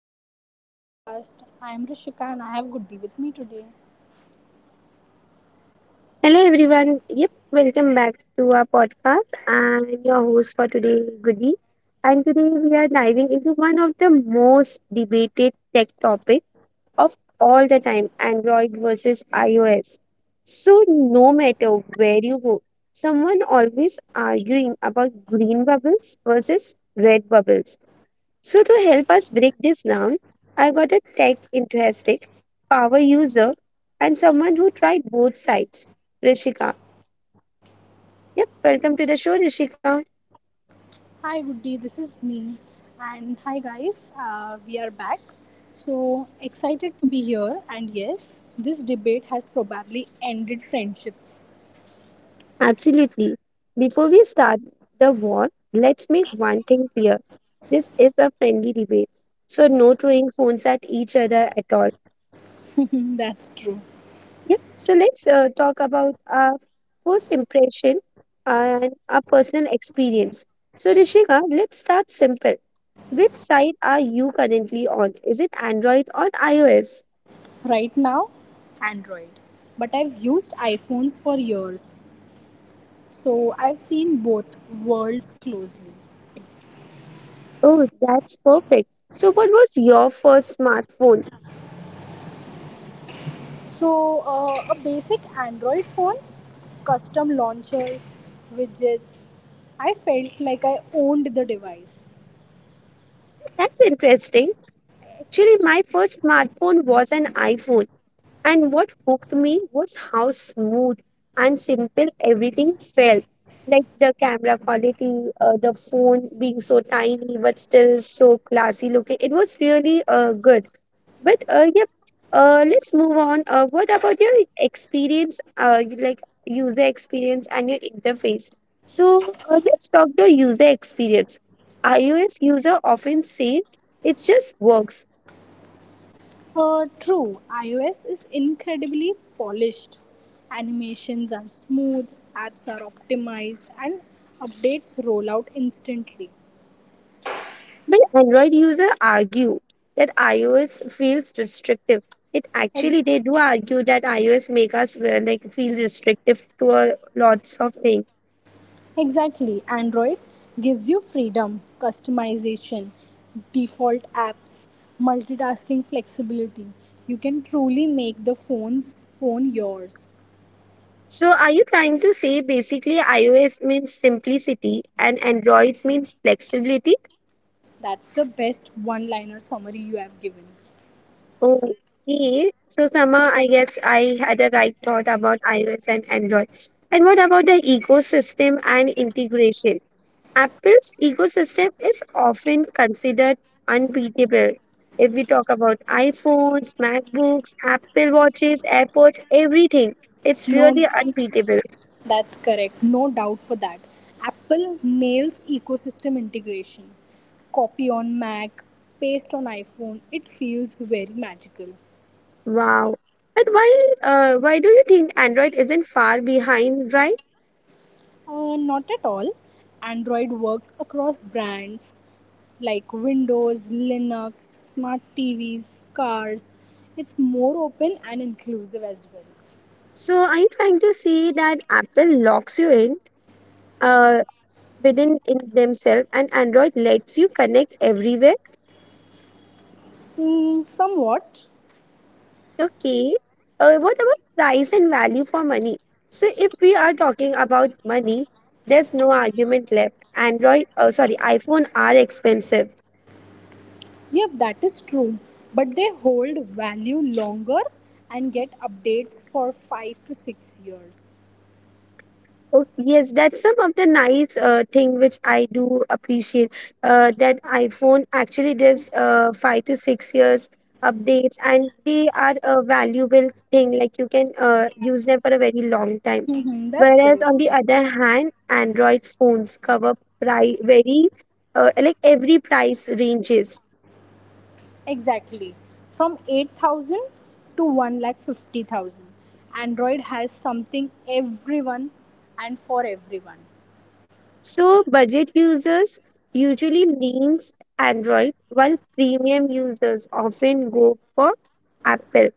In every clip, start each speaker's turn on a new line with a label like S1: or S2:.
S1: welcome back to our podcast. I am Rishika and I have Goody with me today.
S2: Hello, everyone. Yep, welcome back to our podcast. I'm your host for today, Goody. And today we are diving into one of the most debated tech topic of all the time, Android versus iOS. So no matter where you go, someone always arguing about green bubbles versus red bubbles. So, to help us break this down, I got a tech enthusiastic, power user, and someone who tried both sides, Rishika. Yep, welcome to the show, Rishika.
S1: Hi, Goody, this is me. And hi, guys, we are back. So excited to be here. And yes, this debate has probably ended friendships.
S2: Absolutely. Before we start the war, let's make one thing clear. This is a friendly debate. So, no throwing phones at each other at all.
S1: That's true.
S2: Yeah, so let's talk about our first impression and our personal experience. So, Rishika, let's start simple. Which side are you currently on? Is it Android or iOS?
S1: Right now, Android. But I've used iPhones for years. So I've seen both worlds closely.
S2: Oh, that's perfect. So, what was your first smartphone?
S1: So, a basic Android phone, custom launchers, widgets. I felt like I owned the device.
S2: That's interesting. Actually, my first smartphone was an iPhone. And what hooked me was how smooth and simple everything felt. Like the camera quality, the phone being so tiny but still so classy looking. It was really good. But yep, let's move on. What about your experience, like user experience and your interface? So let's talk the user experience. iOS user often say it just works.
S1: True, iOS is incredibly polished. Animations are smooth, apps are optimized, and updates roll out instantly.
S2: But Android users argue that iOS feels restrictive. It actually they
S1: Ex-
S2: do argue that iOS make us well, like feel restrictive to a lots of things.
S1: Exactly, Android gives you freedom, customization, default apps, multitasking flexibility. You can truly make the phone yours.
S2: So are you trying to say basically iOS means simplicity and Android means flexibility?
S1: That's the best one-liner summary you have given.
S2: Okay. So somehow I guess I had a right thought about iOS and Android. And what about the ecosystem and integration? Apple's ecosystem is often considered unbeatable. If we talk about iPhones, MacBooks, Apple Watches, AirPods, everything, it's
S1: No,
S2: really unbeatable.
S1: that's correct. No doubt for that. Apple nails ecosystem integration. Copy on Mac, paste on iPhone. It feels very magical.
S2: Wow. But why do you think Android isn't far behind, right?
S1: Not at all. Android works across brands like Windows, Linux, smart TVs, cars. It's more open and inclusive as well.
S2: So are you trying to say that Apple locks you in uh, within in themselves and Android lets you connect everywhere?
S1: Hmm, somewhat.
S2: Okay. What about price and value for money? So if we are talking about money, there's no argument left. iPhone are expensive.
S1: Yep, that is true. But they hold value longer and get updates for 5 to 6 years.
S2: Oh, yes, that's some of the nice thing which I do appreciate. That iPhone actually gives 5 to 6 years updates, and they are a valuable thing. Like you can use them for a very long time.
S1: Mhm, that's
S2: Whereas
S1: correct.
S2: on the other hand, Android phones cover pri very like every price ranges.
S1: Exactly. From 8,000 to 1 lakh 50,000. Android has something everyone and for everyone.
S2: So budget users usually leans Android, while premium users often go for Apple.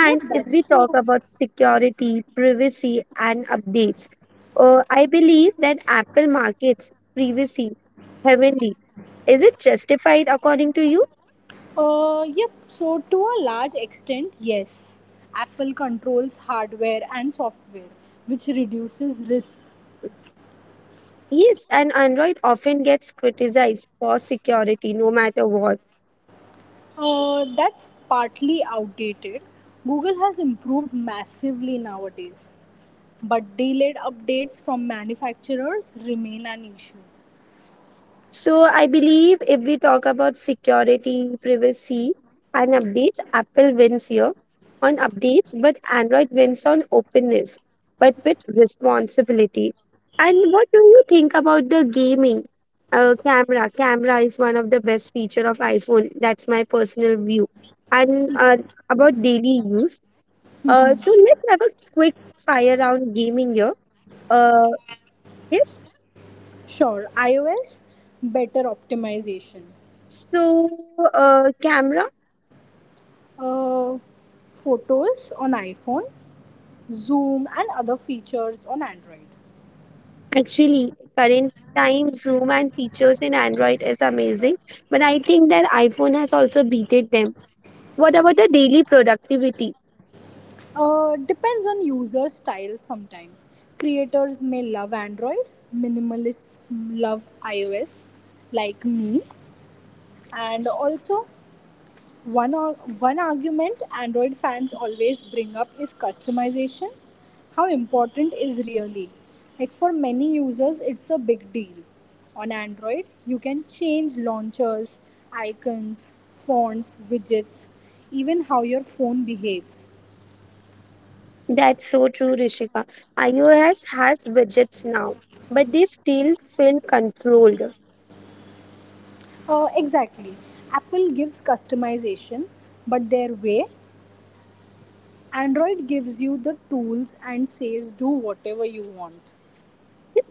S1: Yep,
S2: if
S1: that's
S2: we talk
S1: true.
S2: about security, privacy, and updates, I believe that Apple markets privacy heavily. Is it justified according to you?
S1: Yep, so to a large extent, yes. Apple controls hardware and software, which reduces risks.
S2: Yes, and Android often gets criticized for security no matter what.
S1: That's partly outdated. Google has improved massively nowadays, but delayed updates from manufacturers remain an issue.
S2: So I believe if we talk about security, privacy, and updates, Apple wins here on updates, but Android wins on openness, but with responsibility. And what do you think about the gaming camera? Camera is one of the best feature of iPhone. That's my personal view. And about daily use, so let's have a quick fire round gaming here. Uh, yes.
S1: Sure, iOS better optimization,
S2: So camera.
S1: uh, photos on iPhone, Zoom, and other features on Android.
S2: Actually, current time zoom and features in Android is amazing, but I think that iPhone has also beaten them. What about the daily productivity?
S1: Depends on user style sometimes. Creators may love Android, minimalists love iOS, like me, and also One, ar- one argument Android fans always bring up is customization. How important is really? Like for many users, it's a big deal. On Android, you can change launchers, icons, fonts, widgets, even how your phone behaves.
S2: That's so true, Rishika. iOS has widgets now, but they still feel controlled.
S1: Exactly. Apple gives customization, but their way, Android gives you the tools and says do whatever you want.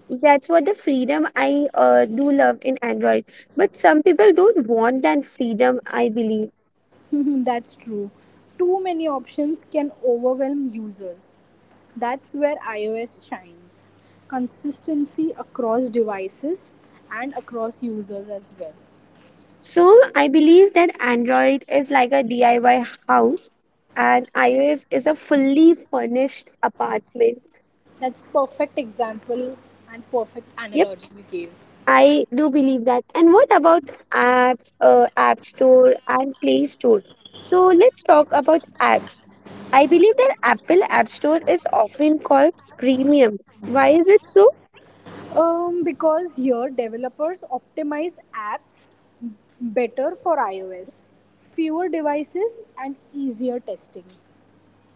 S2: That's what the freedom I do love in Android. But some people don't want that freedom, I believe.
S1: That's true. Too many options can overwhelm users. That's where iOS shines. Consistency across devices and across users as well.
S2: So I believe that Android is like a DIY house and iOS is a fully furnished apartment.
S1: That's perfect example and perfect
S2: Yep,
S1: analogy we gave.
S2: I do believe that. And what about apps, App Store and Play Store? So let's talk about apps. I believe that Apple App Store is often called premium. Why is it so?
S1: Because here developers optimize apps better for iOS, fewer devices and easier testing.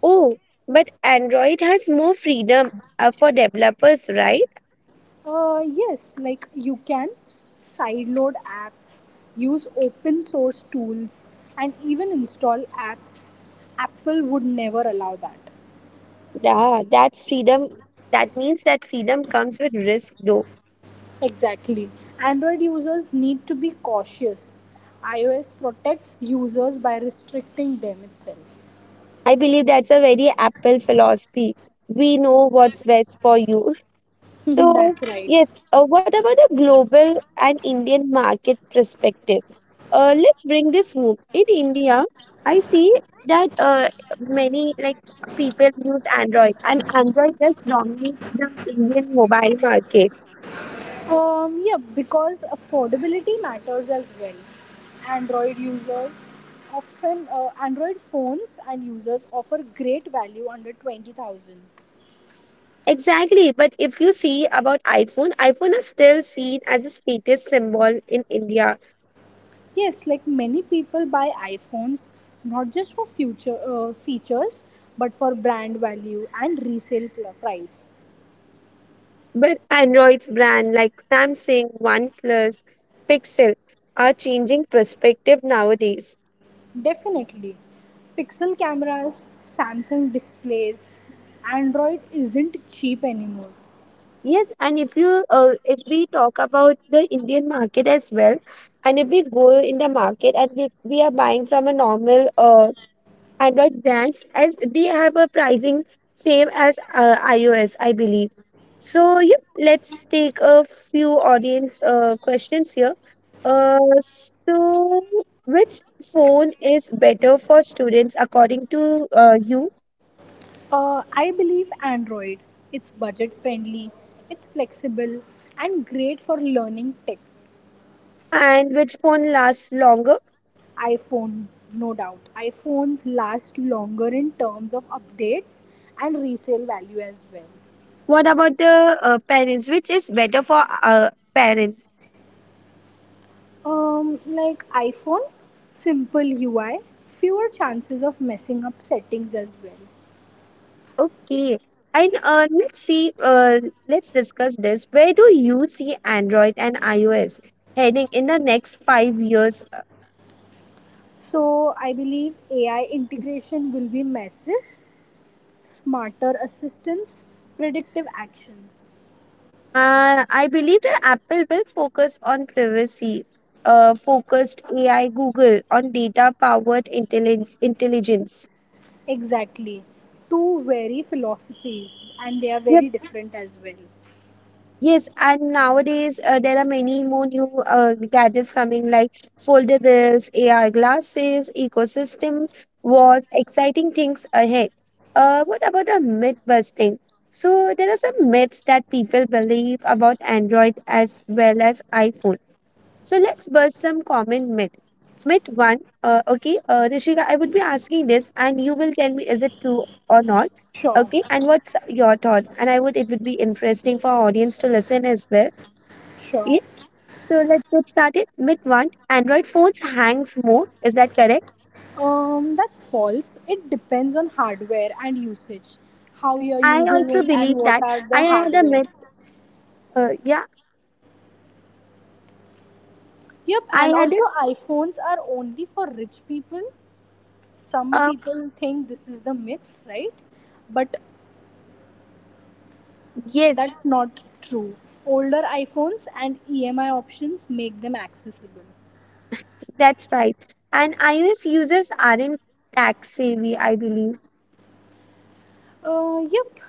S2: Oh, but Android has more freedom for developers, right?
S1: Yes, like you can sideload apps, use open source tools, and even install apps. Apple would never allow that.
S2: Yeah, that's freedom. That means that freedom comes with risk, though.
S1: Exactly. Android users need to be cautious. iOS protects users by restricting them itself.
S2: I believe that's a very Apple philosophy. We know what's best for you. So,
S1: That's right.
S2: yes, what about the global and Indian market perspective? Let's bring this home. In India, I see that many like people use Android, and Android just dominates the Indian mobile market.
S1: Yeah, because affordability matters as well. Android users Android phones and users offer great value under 20,000.
S2: Exactly, but if you see about iPhone, iPhone is still seen as a status symbol in India.
S1: Yes, like many people buy iPhones not just for future features but for brand value and resale price.
S2: But Android's brand like Samsung, OnePlus, Pixel are changing perspective nowadays.
S1: Definitely. Pixel cameras, Samsung displays, Android isn't cheap anymore.
S2: Yes, and if you if we talk about the Indian market as well, and if we go in the market and we are buying from a normal Android brands as they have a pricing same as iOS, I believe. So yep, let's take a few audience questions here. Uh, so which phone is better for students according to you,
S1: I believe Android. It's budget friendly, it's flexible, and great for learning tech.
S2: and which phone lasts longer?
S1: iPhone, no doubt. iPhones last longer in terms of updates and resale value as well.
S2: What about the parents? Which is better for parents?
S1: Like iPhone, simple UI, fewer chances of messing up settings as well.
S2: Okay. And let's see, let's discuss this. Where do you see Android and iOS heading in the next 5 years?
S1: So I believe AI integration will be massive, smarter assistance, predictive actions.
S2: I believe that Apple will focus on privacy, focused AI, Google on data-powered intelligence.
S1: Exactly. Two very philosophies, and they are very different as well.
S2: Yes, and nowadays there are many more new gadgets coming like foldables, AR glasses, ecosystem watch, exciting things ahead. What about a myth busting? So there are some myths that people believe about Android as well as iPhone. So let's bust some common myth. Myth one, okay, Rishika, I would be asking this, and you will tell me is it true or not,
S1: Sure,
S2: okay? And what's your thought? And I would it would be interesting for our audience to listen as well.
S1: sure.
S2: Yeah. So let's get started. Myth one, Android phones hangs more. Is that correct?
S1: That's false. It depends on hardware and usage, how you're
S2: I
S1: using
S2: also
S1: it, and
S2: believe
S1: what
S2: that.
S1: are
S2: I
S1: the
S2: had a
S1: hardware.
S2: myth. Yeah,
S1: Yep,
S2: I
S1: and
S2: had
S1: also
S2: this.
S1: iPhones are only for rich people. Some
S2: Uh,
S1: people think this is the myth, right? But
S2: yes,
S1: that's not true. Older iPhones and EMI options make them accessible.
S2: that's right. And iOS users aren't tech savvy, I believe.
S1: Uh, yep,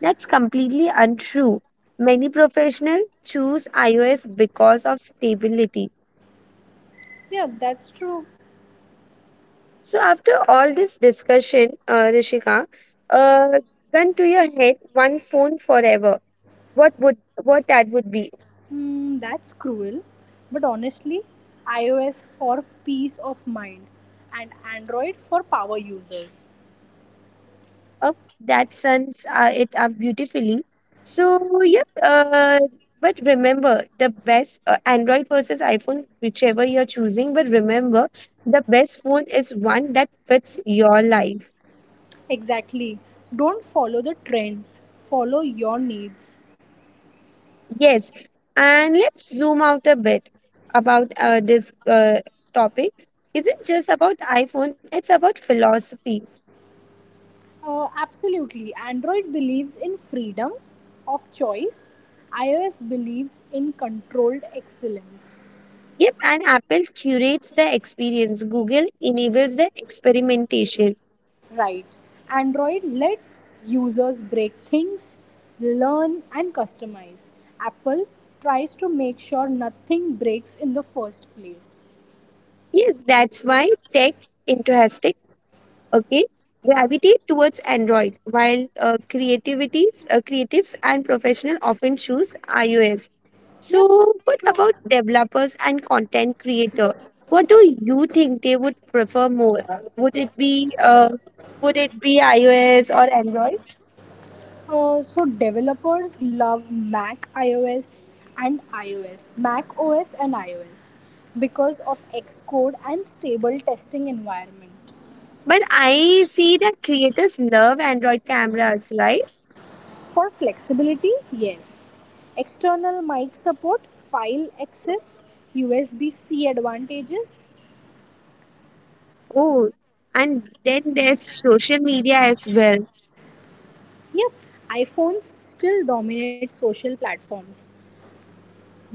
S2: That's completely untrue. Many professionals choose iOS because of stability.
S1: yep, that's true.
S2: So, after all this discussion, Rishika, uh, gun to your head, one phone forever. What would what that would be?
S1: Hmm, that's cruel, but honestly, iOS for peace of mind and Android for power users.
S2: Oh, that sums it up beautifully. So, yep. But remember, the best Android versus iPhone, whichever you're choosing. But remember, the best phone is one that fits your life.
S1: Exactly. Don't follow the trends, follow your needs.
S2: Yes, and let's zoom out a bit about this topic. Isn't just about iPhone, it's about philosophy.
S1: Absolutely. Android believes in freedom of choice, iOS believes in controlled excellence.
S2: Yep, and Apple curates the experience, Google enables the experimentation.
S1: Right. Android lets users break things, learn, and customize. Apple tries to make sure nothing breaks in the first place.
S2: Yes, that's why tech enthusiastic, okay, gravitate towards Android, while creatives and professional often choose iOS.
S1: Yep,
S2: So,
S1: that's
S2: what
S1: true.
S2: about developers and content creator? What do you think they would prefer more? Would it be iOS or Android?
S1: So developers love Mac OS and iOS because of Xcode and stable testing environment.
S2: But I see that creators love Android cameras, right?
S1: For flexibility, yes. External mic support, file access, USB C advantages.
S2: Oh, and then there's social media as well.
S1: Yep, iPhones still dominate social platforms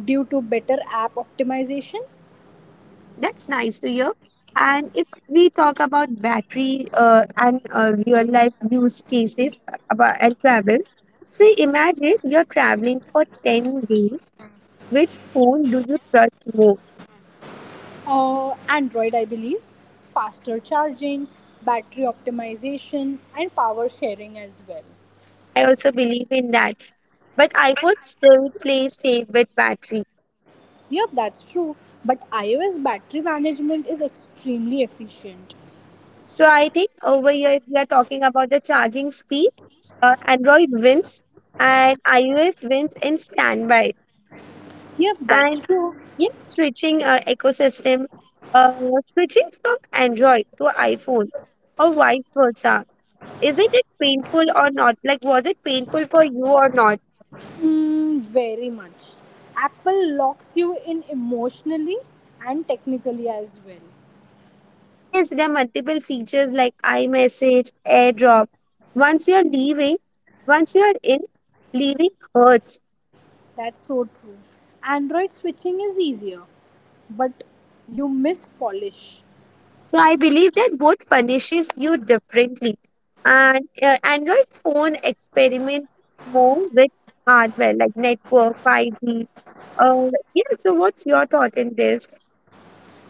S1: due to better app optimization.
S2: That's nice to hear. And if we talk about battery and real life use cases about and travel, say imagine you're traveling for 10 days. Which phone do you trust more?
S1: Android, I believe, faster charging, battery optimization, and power sharing as well.
S2: I also believe in that. But iPhone still plays safe with battery.
S1: Yep, that's true. But iOS battery management is extremely efficient.
S2: So I think over here, if we are talking about the charging speed, Android wins and iOS wins in standby.
S1: Yep, that's
S2: And
S1: true.
S2: yeah, switching ecosystem, uh, switching from Android to iPhone or vice versa. Isn't it painful or not? Like, was it painful for you or not?
S1: Mm, very much. Apple locks you in emotionally and technically as well.
S2: Yes, there are multiple features like iMessage, AirDrop. Once you're leaving, once you're in, leaving hurts.
S1: That's so true. Android switching is easier, but you miss polish.
S2: So I believe that both punishes you differently. And Android phone experiment more with hardware like network, 5G. Uh, yeah, so what's your thought in this?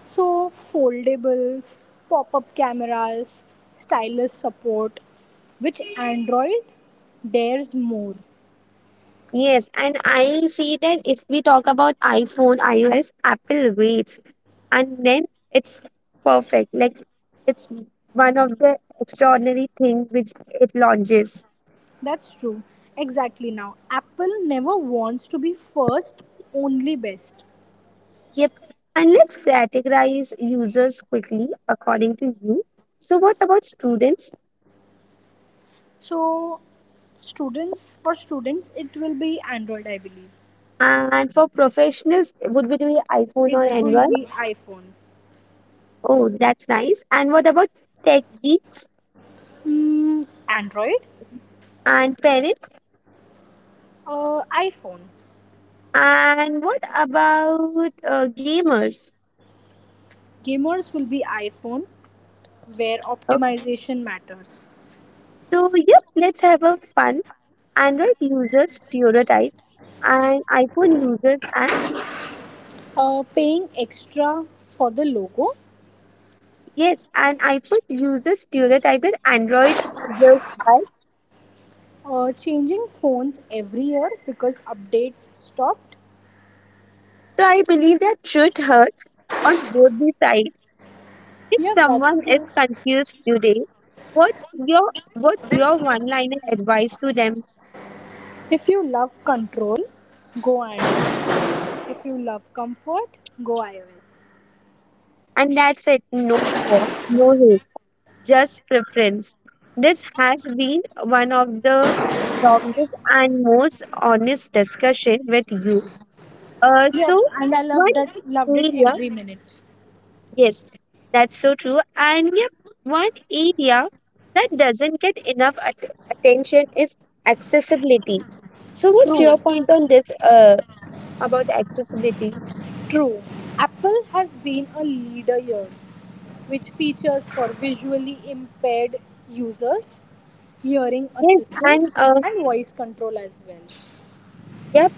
S1: So, foldables, pop up cameras, stylus support, which Android dares more.
S2: Yes, and I see that if we talk about iPhone, iOS, Apple waits. And then it's perfect like it's one of the extraordinary thing which it launches.
S1: That's true. Exactly now. Apple never wants to be first, only best.
S2: Yep, and let's categorize users quickly according to you. So what about students?
S1: So students for students it will be Android I believe.
S2: And for professionals would it be iphone or
S1: It will
S2: android?
S1: be iPhone.
S2: Oh, that's nice. And what about tech geeks?
S1: Mm, Android?
S2: And parents?
S1: iPhone.
S2: And what about gamers?
S1: Gamers will be iPhone where
S2: Okay.
S1: optimization matters.
S2: So yep, let's have a fun. Android users stereotype and iPhone users as.
S1: Paying extra for the logo.
S2: Yes, and iPhone users stereotyped Android users as.
S1: Changing phones every year because updates stopped.
S2: So I believe that truth hurts on both the sides. If
S1: Yeah,
S2: someone
S1: that's true.
S2: is confused today, what's your one-liner advice to them?
S1: If you love control, go Android. If you love comfort, go iOS.
S2: And that's it. No war, no hate, just preference. This has been one of the longest and most honest discussion with you.
S1: Yep,
S2: So
S1: and I
S2: one
S1: loved that loved it
S2: area,
S1: every minute.
S2: yes, that's so true. And yep, one area that doesn't get enough attention is accessibility. So what's
S1: True,
S2: your point on this about accessibility?
S1: true. Apple has been a leader here, which features for visually impaired users, hearing
S2: Yes, and
S1: assistance, and voice control as well.
S2: yep,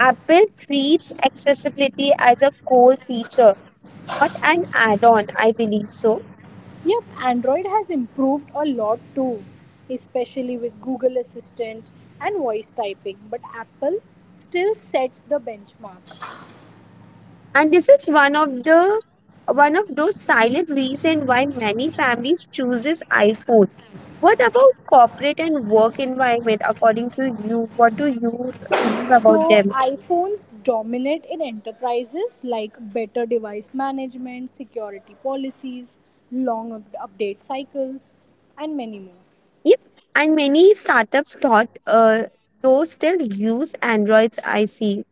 S2: Apple treats accessibility as a core feature, not an add-on, I believe so.
S1: Yep, Android has improved a lot too, especially with Google Assistant and voice typing, but Apple still sets the benchmark.
S2: And this is one of those silent reasons why many families chooses iPhone. What about corporate and work environment according to you? What do you believe about
S1: So,
S2: them?
S1: iPhones dominate in enterprises like better device management, security policies, long update cycles, and many more.
S2: Yep. And many startups thought those still use Androids, I see.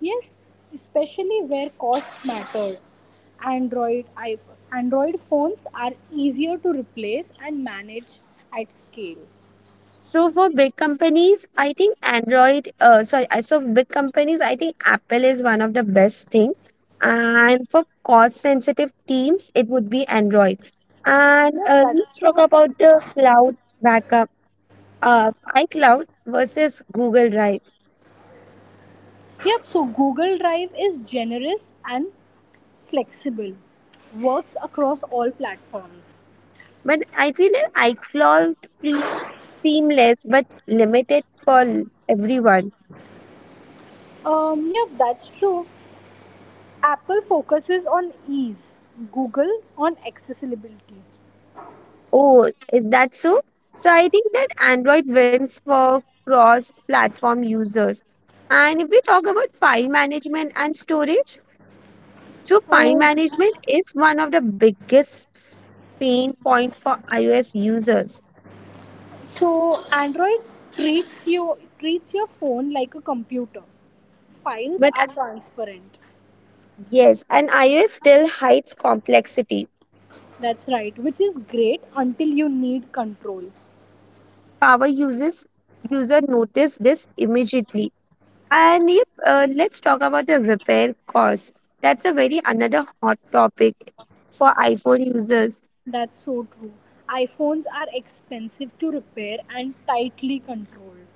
S1: Yes, especially where cost matters. Android iPhone. Android phones are easier to replace and manage at scale.
S2: So for big companies, I think Android, sorry, I- so big companies, I think Apple is one of the best thing. And for cost-sensitive teams, it would be Android. And
S1: Yep, that's
S2: Let's talk
S1: true.
S2: about the cloud backup of iCloud versus Google Drive.
S1: Yep, so Google Drive is generous and flexible. Works across all platforms.
S2: But I feel that iCloud feels seamless but limited for everyone.
S1: Yep, that's true. Apple focuses on ease, Google on accessibility.
S2: Oh, is that so? So I think that Android wins for cross-platform users. And if we talk about file management and storage, so file
S1: Uh,
S2: management is one of the biggest pain point for iOS users.
S1: so Android treats your phone like a computer. Files
S2: But
S1: are transparent.
S2: yes, and iOS still hides complexity.
S1: That's right, which is great until you need control.
S2: Power users user notice this immediately. Let's talk about the repair cost. That's a very another hot topic for iPhone users.
S1: That's so true. iPhones are expensive to repair and tightly controlled.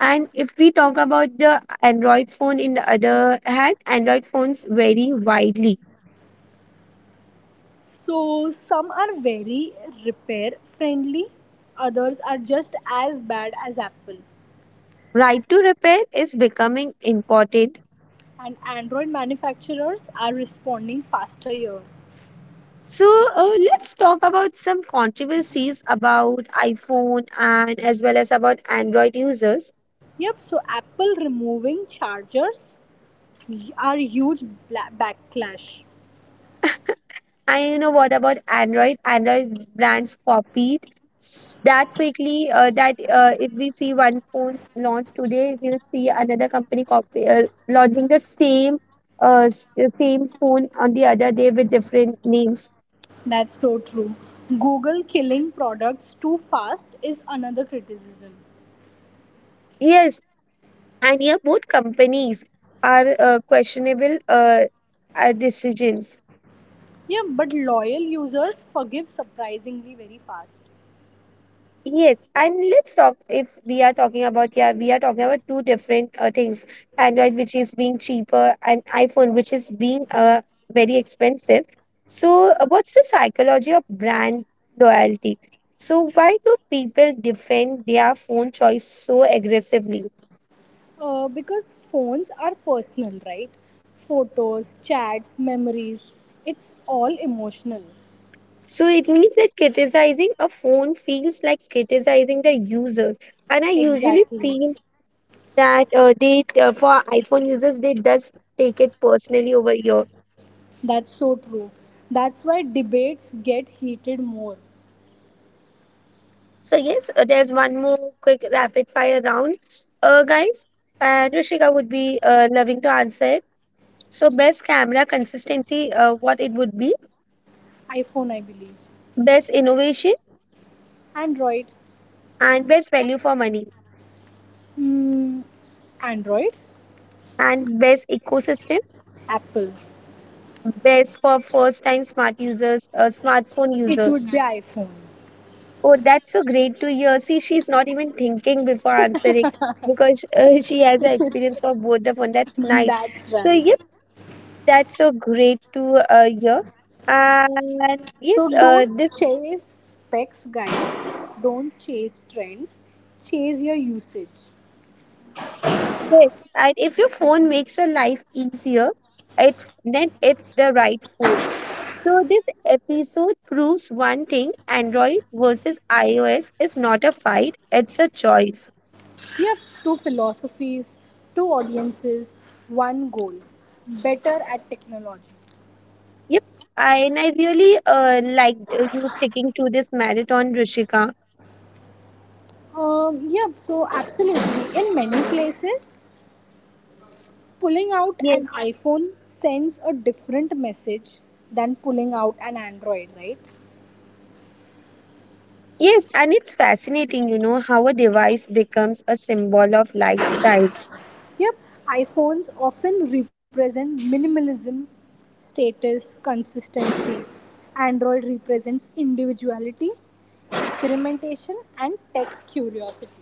S2: And if we talk about the Android phone in the other hand, Android phones vary widely.
S1: So some are very repair friendly, others are just as bad as Apple.
S2: Right to repair is becoming important.
S1: And Android manufacturers are responding faster here.
S2: So let's talk about some controversies about iPhone and as well as about Android users.
S1: Yep, so Apple removing chargers are huge backlash.
S2: And you know what about Android? Android brands copied that quickly. That If we see one phone launch today, we'll see another company copy launching the same phone on the other day with different names.
S1: That's so true. Google killing products too fast is another criticism.
S2: Yes, and yeah, both companies are questionable decisions.
S1: Yeah, but loyal users forgive surprisingly very fast.
S2: Yes, and let's talk if we are talking about, yeah, we are talking about two different things. Android, which is being cheaper, and iPhone, which is being very expensive. So, what's the psychology of brand loyalty? So, why do people defend their phone choice so aggressively?
S1: Because phones are personal, right? Photos, chats, memories, it's all emotional.
S2: So, it means that criticizing a phone feels like criticizing the users. And I usually
S1: Exactly.
S2: feel that for iPhone users, they does take it personally over here.
S1: That's so true. That's why debates get heated more.
S2: So yes, there's one more quick rapid fire round, guys. And Rishika would be loving to answer it. So best camera consistency, what it would be,
S1: iPhone, I believe.
S2: best innovation
S1: Android.
S2: and best value for money
S1: Hmm, Android?
S2: and best ecosystem,
S1: Apple.
S2: best for first time smartphone
S1: It
S2: users.
S1: would be iPhone.
S2: Oh, that's so great to hear. See, she's not even thinking before answering because she has the experience for both of them. That's nice.
S1: That's
S2: So
S1: right.
S2: that's so great to hear. And
S1: So
S2: yes, uh,
S1: don't
S2: this
S1: chase specs, guys. Don't chase trends. Chase your usage.
S2: Yes, and if your phone makes a life easier, it's then it's the right phone. So this episode proves one thing: Android versus iOS is not a fight; it's a choice.
S1: Yep, two philosophies, two audiences, one goal. Better at technology.
S2: Yep, and I really liked you sticking to this marathon, Rishika.
S1: Yep, so absolutely. In many places, pulling out an
S2: Yes,
S1: iPhone sends a different message than pulling out an Android, right?
S2: yes, and it's fascinating, you know, how a device becomes a symbol of lifestyle.
S1: Yep, iPhones often represent minimalism, status, consistency. Android represents individuality, experimentation, and tech curiosity.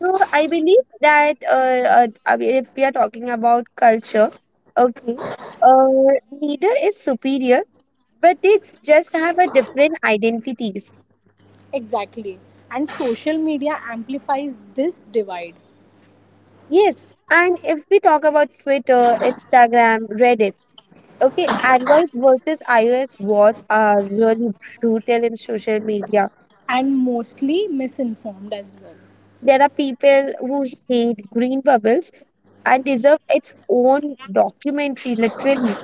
S2: So I believe that I mean, if we are talking about culture, okay, uh, neither is superior, but they just have a different identities.
S1: Exactly. And social media amplifies this divide
S2: Yes, and if we talk about Twitter, Instagram, Reddit, okay, Android versus iOS wars are really brutal in social media.
S1: and mostly misinformed as well.
S2: There are people who hate green bubbles and deserve its own documentary, literally.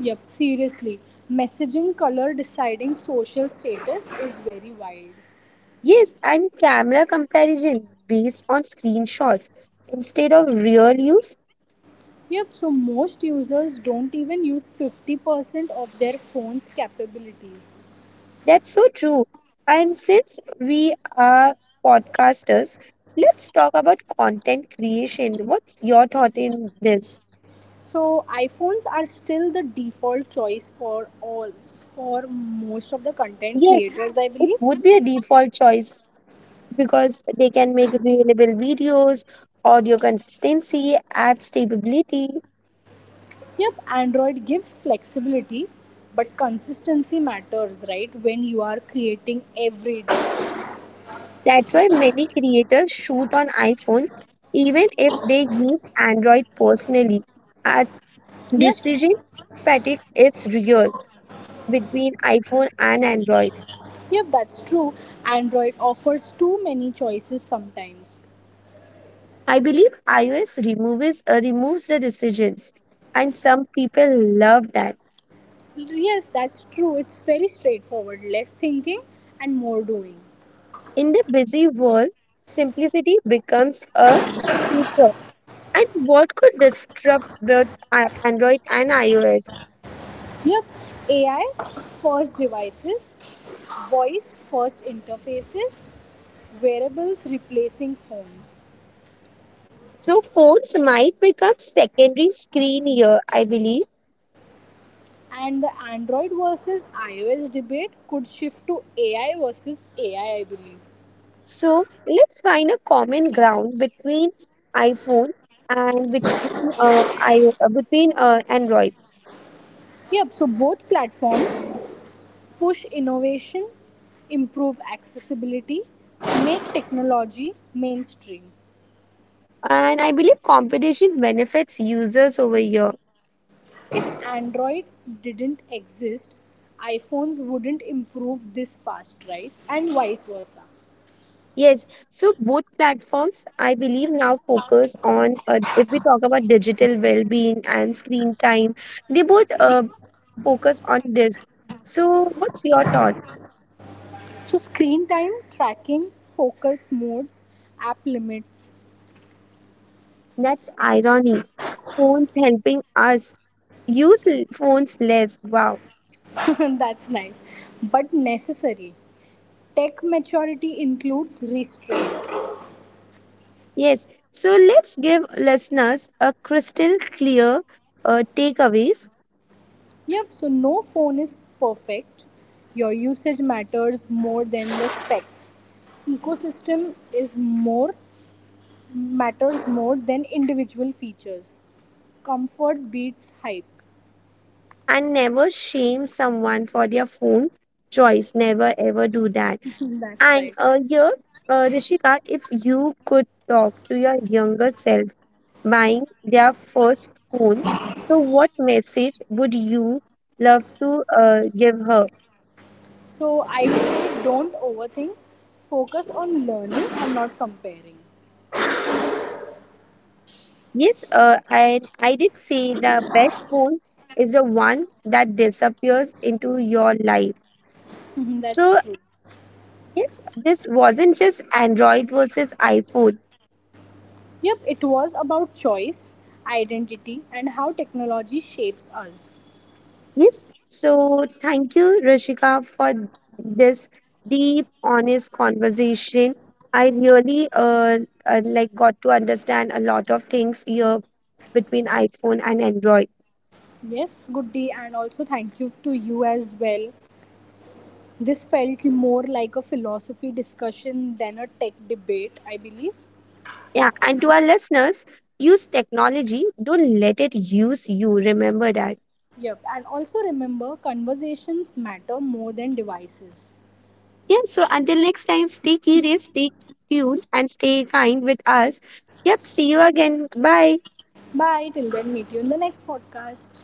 S1: Yep, seriously. Messaging color deciding social status is very wild.
S2: Yes, and camera comparison based on screenshots instead of real use.
S1: Yep, so most users don't even use 50% of their phone's capabilities.
S2: That's so true. And since we are podcasters, let's talk about content creation. What's your thought in this?
S1: So iPhones are still the default choice for most of the content
S2: Yes,
S1: creators, I
S2: it
S1: believe.
S2: would be a default choice because they can make reliable videos, audio consistency, app stability.
S1: Yep, Android gives flexibility, but consistency matters, right? When you are creating every day.
S2: That's why many creators shoot on iPhone, even if they use Android personally.
S1: Yep,
S2: Decision fatigue is real between iPhone and Android.
S1: Yep, that's true. Android offers too many choices sometimes.
S2: I believe iOS removes the decisions, and some people love that.
S1: Yes, that's true. It's very straightforward. Less thinking and more doing.
S2: In the busy world, simplicity becomes a feature. And what could disrupt both Android and iOS?
S1: Yep, AI first devices, voice first interfaces, wearables replacing phones.
S2: So phones might become secondary screen here, I believe.
S1: And the Android versus iOS debate could shift to AI versus AI, I believe.
S2: So let's find a common ground between iPhone and between Android.
S1: Yep, so both platforms push innovation, improve accessibility, make technology mainstream.
S2: And I believe competition benefits users over here.
S1: If Android didn't exist, iPhones wouldn't improve this fast, right? And vice versa.
S2: Yes, so both platforms, I believe, now focus on if we talk about digital well-being and screen time, they both focus on this. So what's your thought?
S1: So, screen time, tracking, focus modes, app limits.
S2: That's irony. Phones helping us phones less. Wow.
S1: That's nice, but necessary. Tech maturity includes restraint.
S2: Yes. So let's give listeners a crystal clear takeaways
S1: Yep, so no phone is perfect. Your usage matters more than the specs. Ecosystem is more matters more than individual features. Comfort beats hype.
S2: and never shame someone for their phone choice. Never ever do that.
S1: That's
S2: And
S1: right.
S2: uh, here, uh, Rishika, if you could talk to your younger self buying their first phone, so what message would you love to give her?
S1: So I'd say don't overthink. Focus on learning and not comparing.
S2: Yes, I did say the best phone is the one that disappears into your life.
S1: Mhm, that's
S2: So
S1: true.
S2: yes, this wasn't just Android versus iPhone.
S1: Yep, it was about choice, identity, and how technology shapes us.
S2: Yes. So thank you, Rishika, for this deep, honest conversation. I really like got to understand a lot of things here between iPhone and Android.
S1: Yes, good day, and also thank you to you as well. This felt more like a philosophy discussion than a tech debate, I believe.
S2: Yeah, and to our listeners, use technology. Don't let it use you. Remember that.
S1: Yep, and also remember conversations matter more than devices.
S2: Yeah. So until next time, stay curious, stay tuned, and stay kind with us. Yep. See you again. Bye.
S1: Bye, till then, meet you in the next podcast.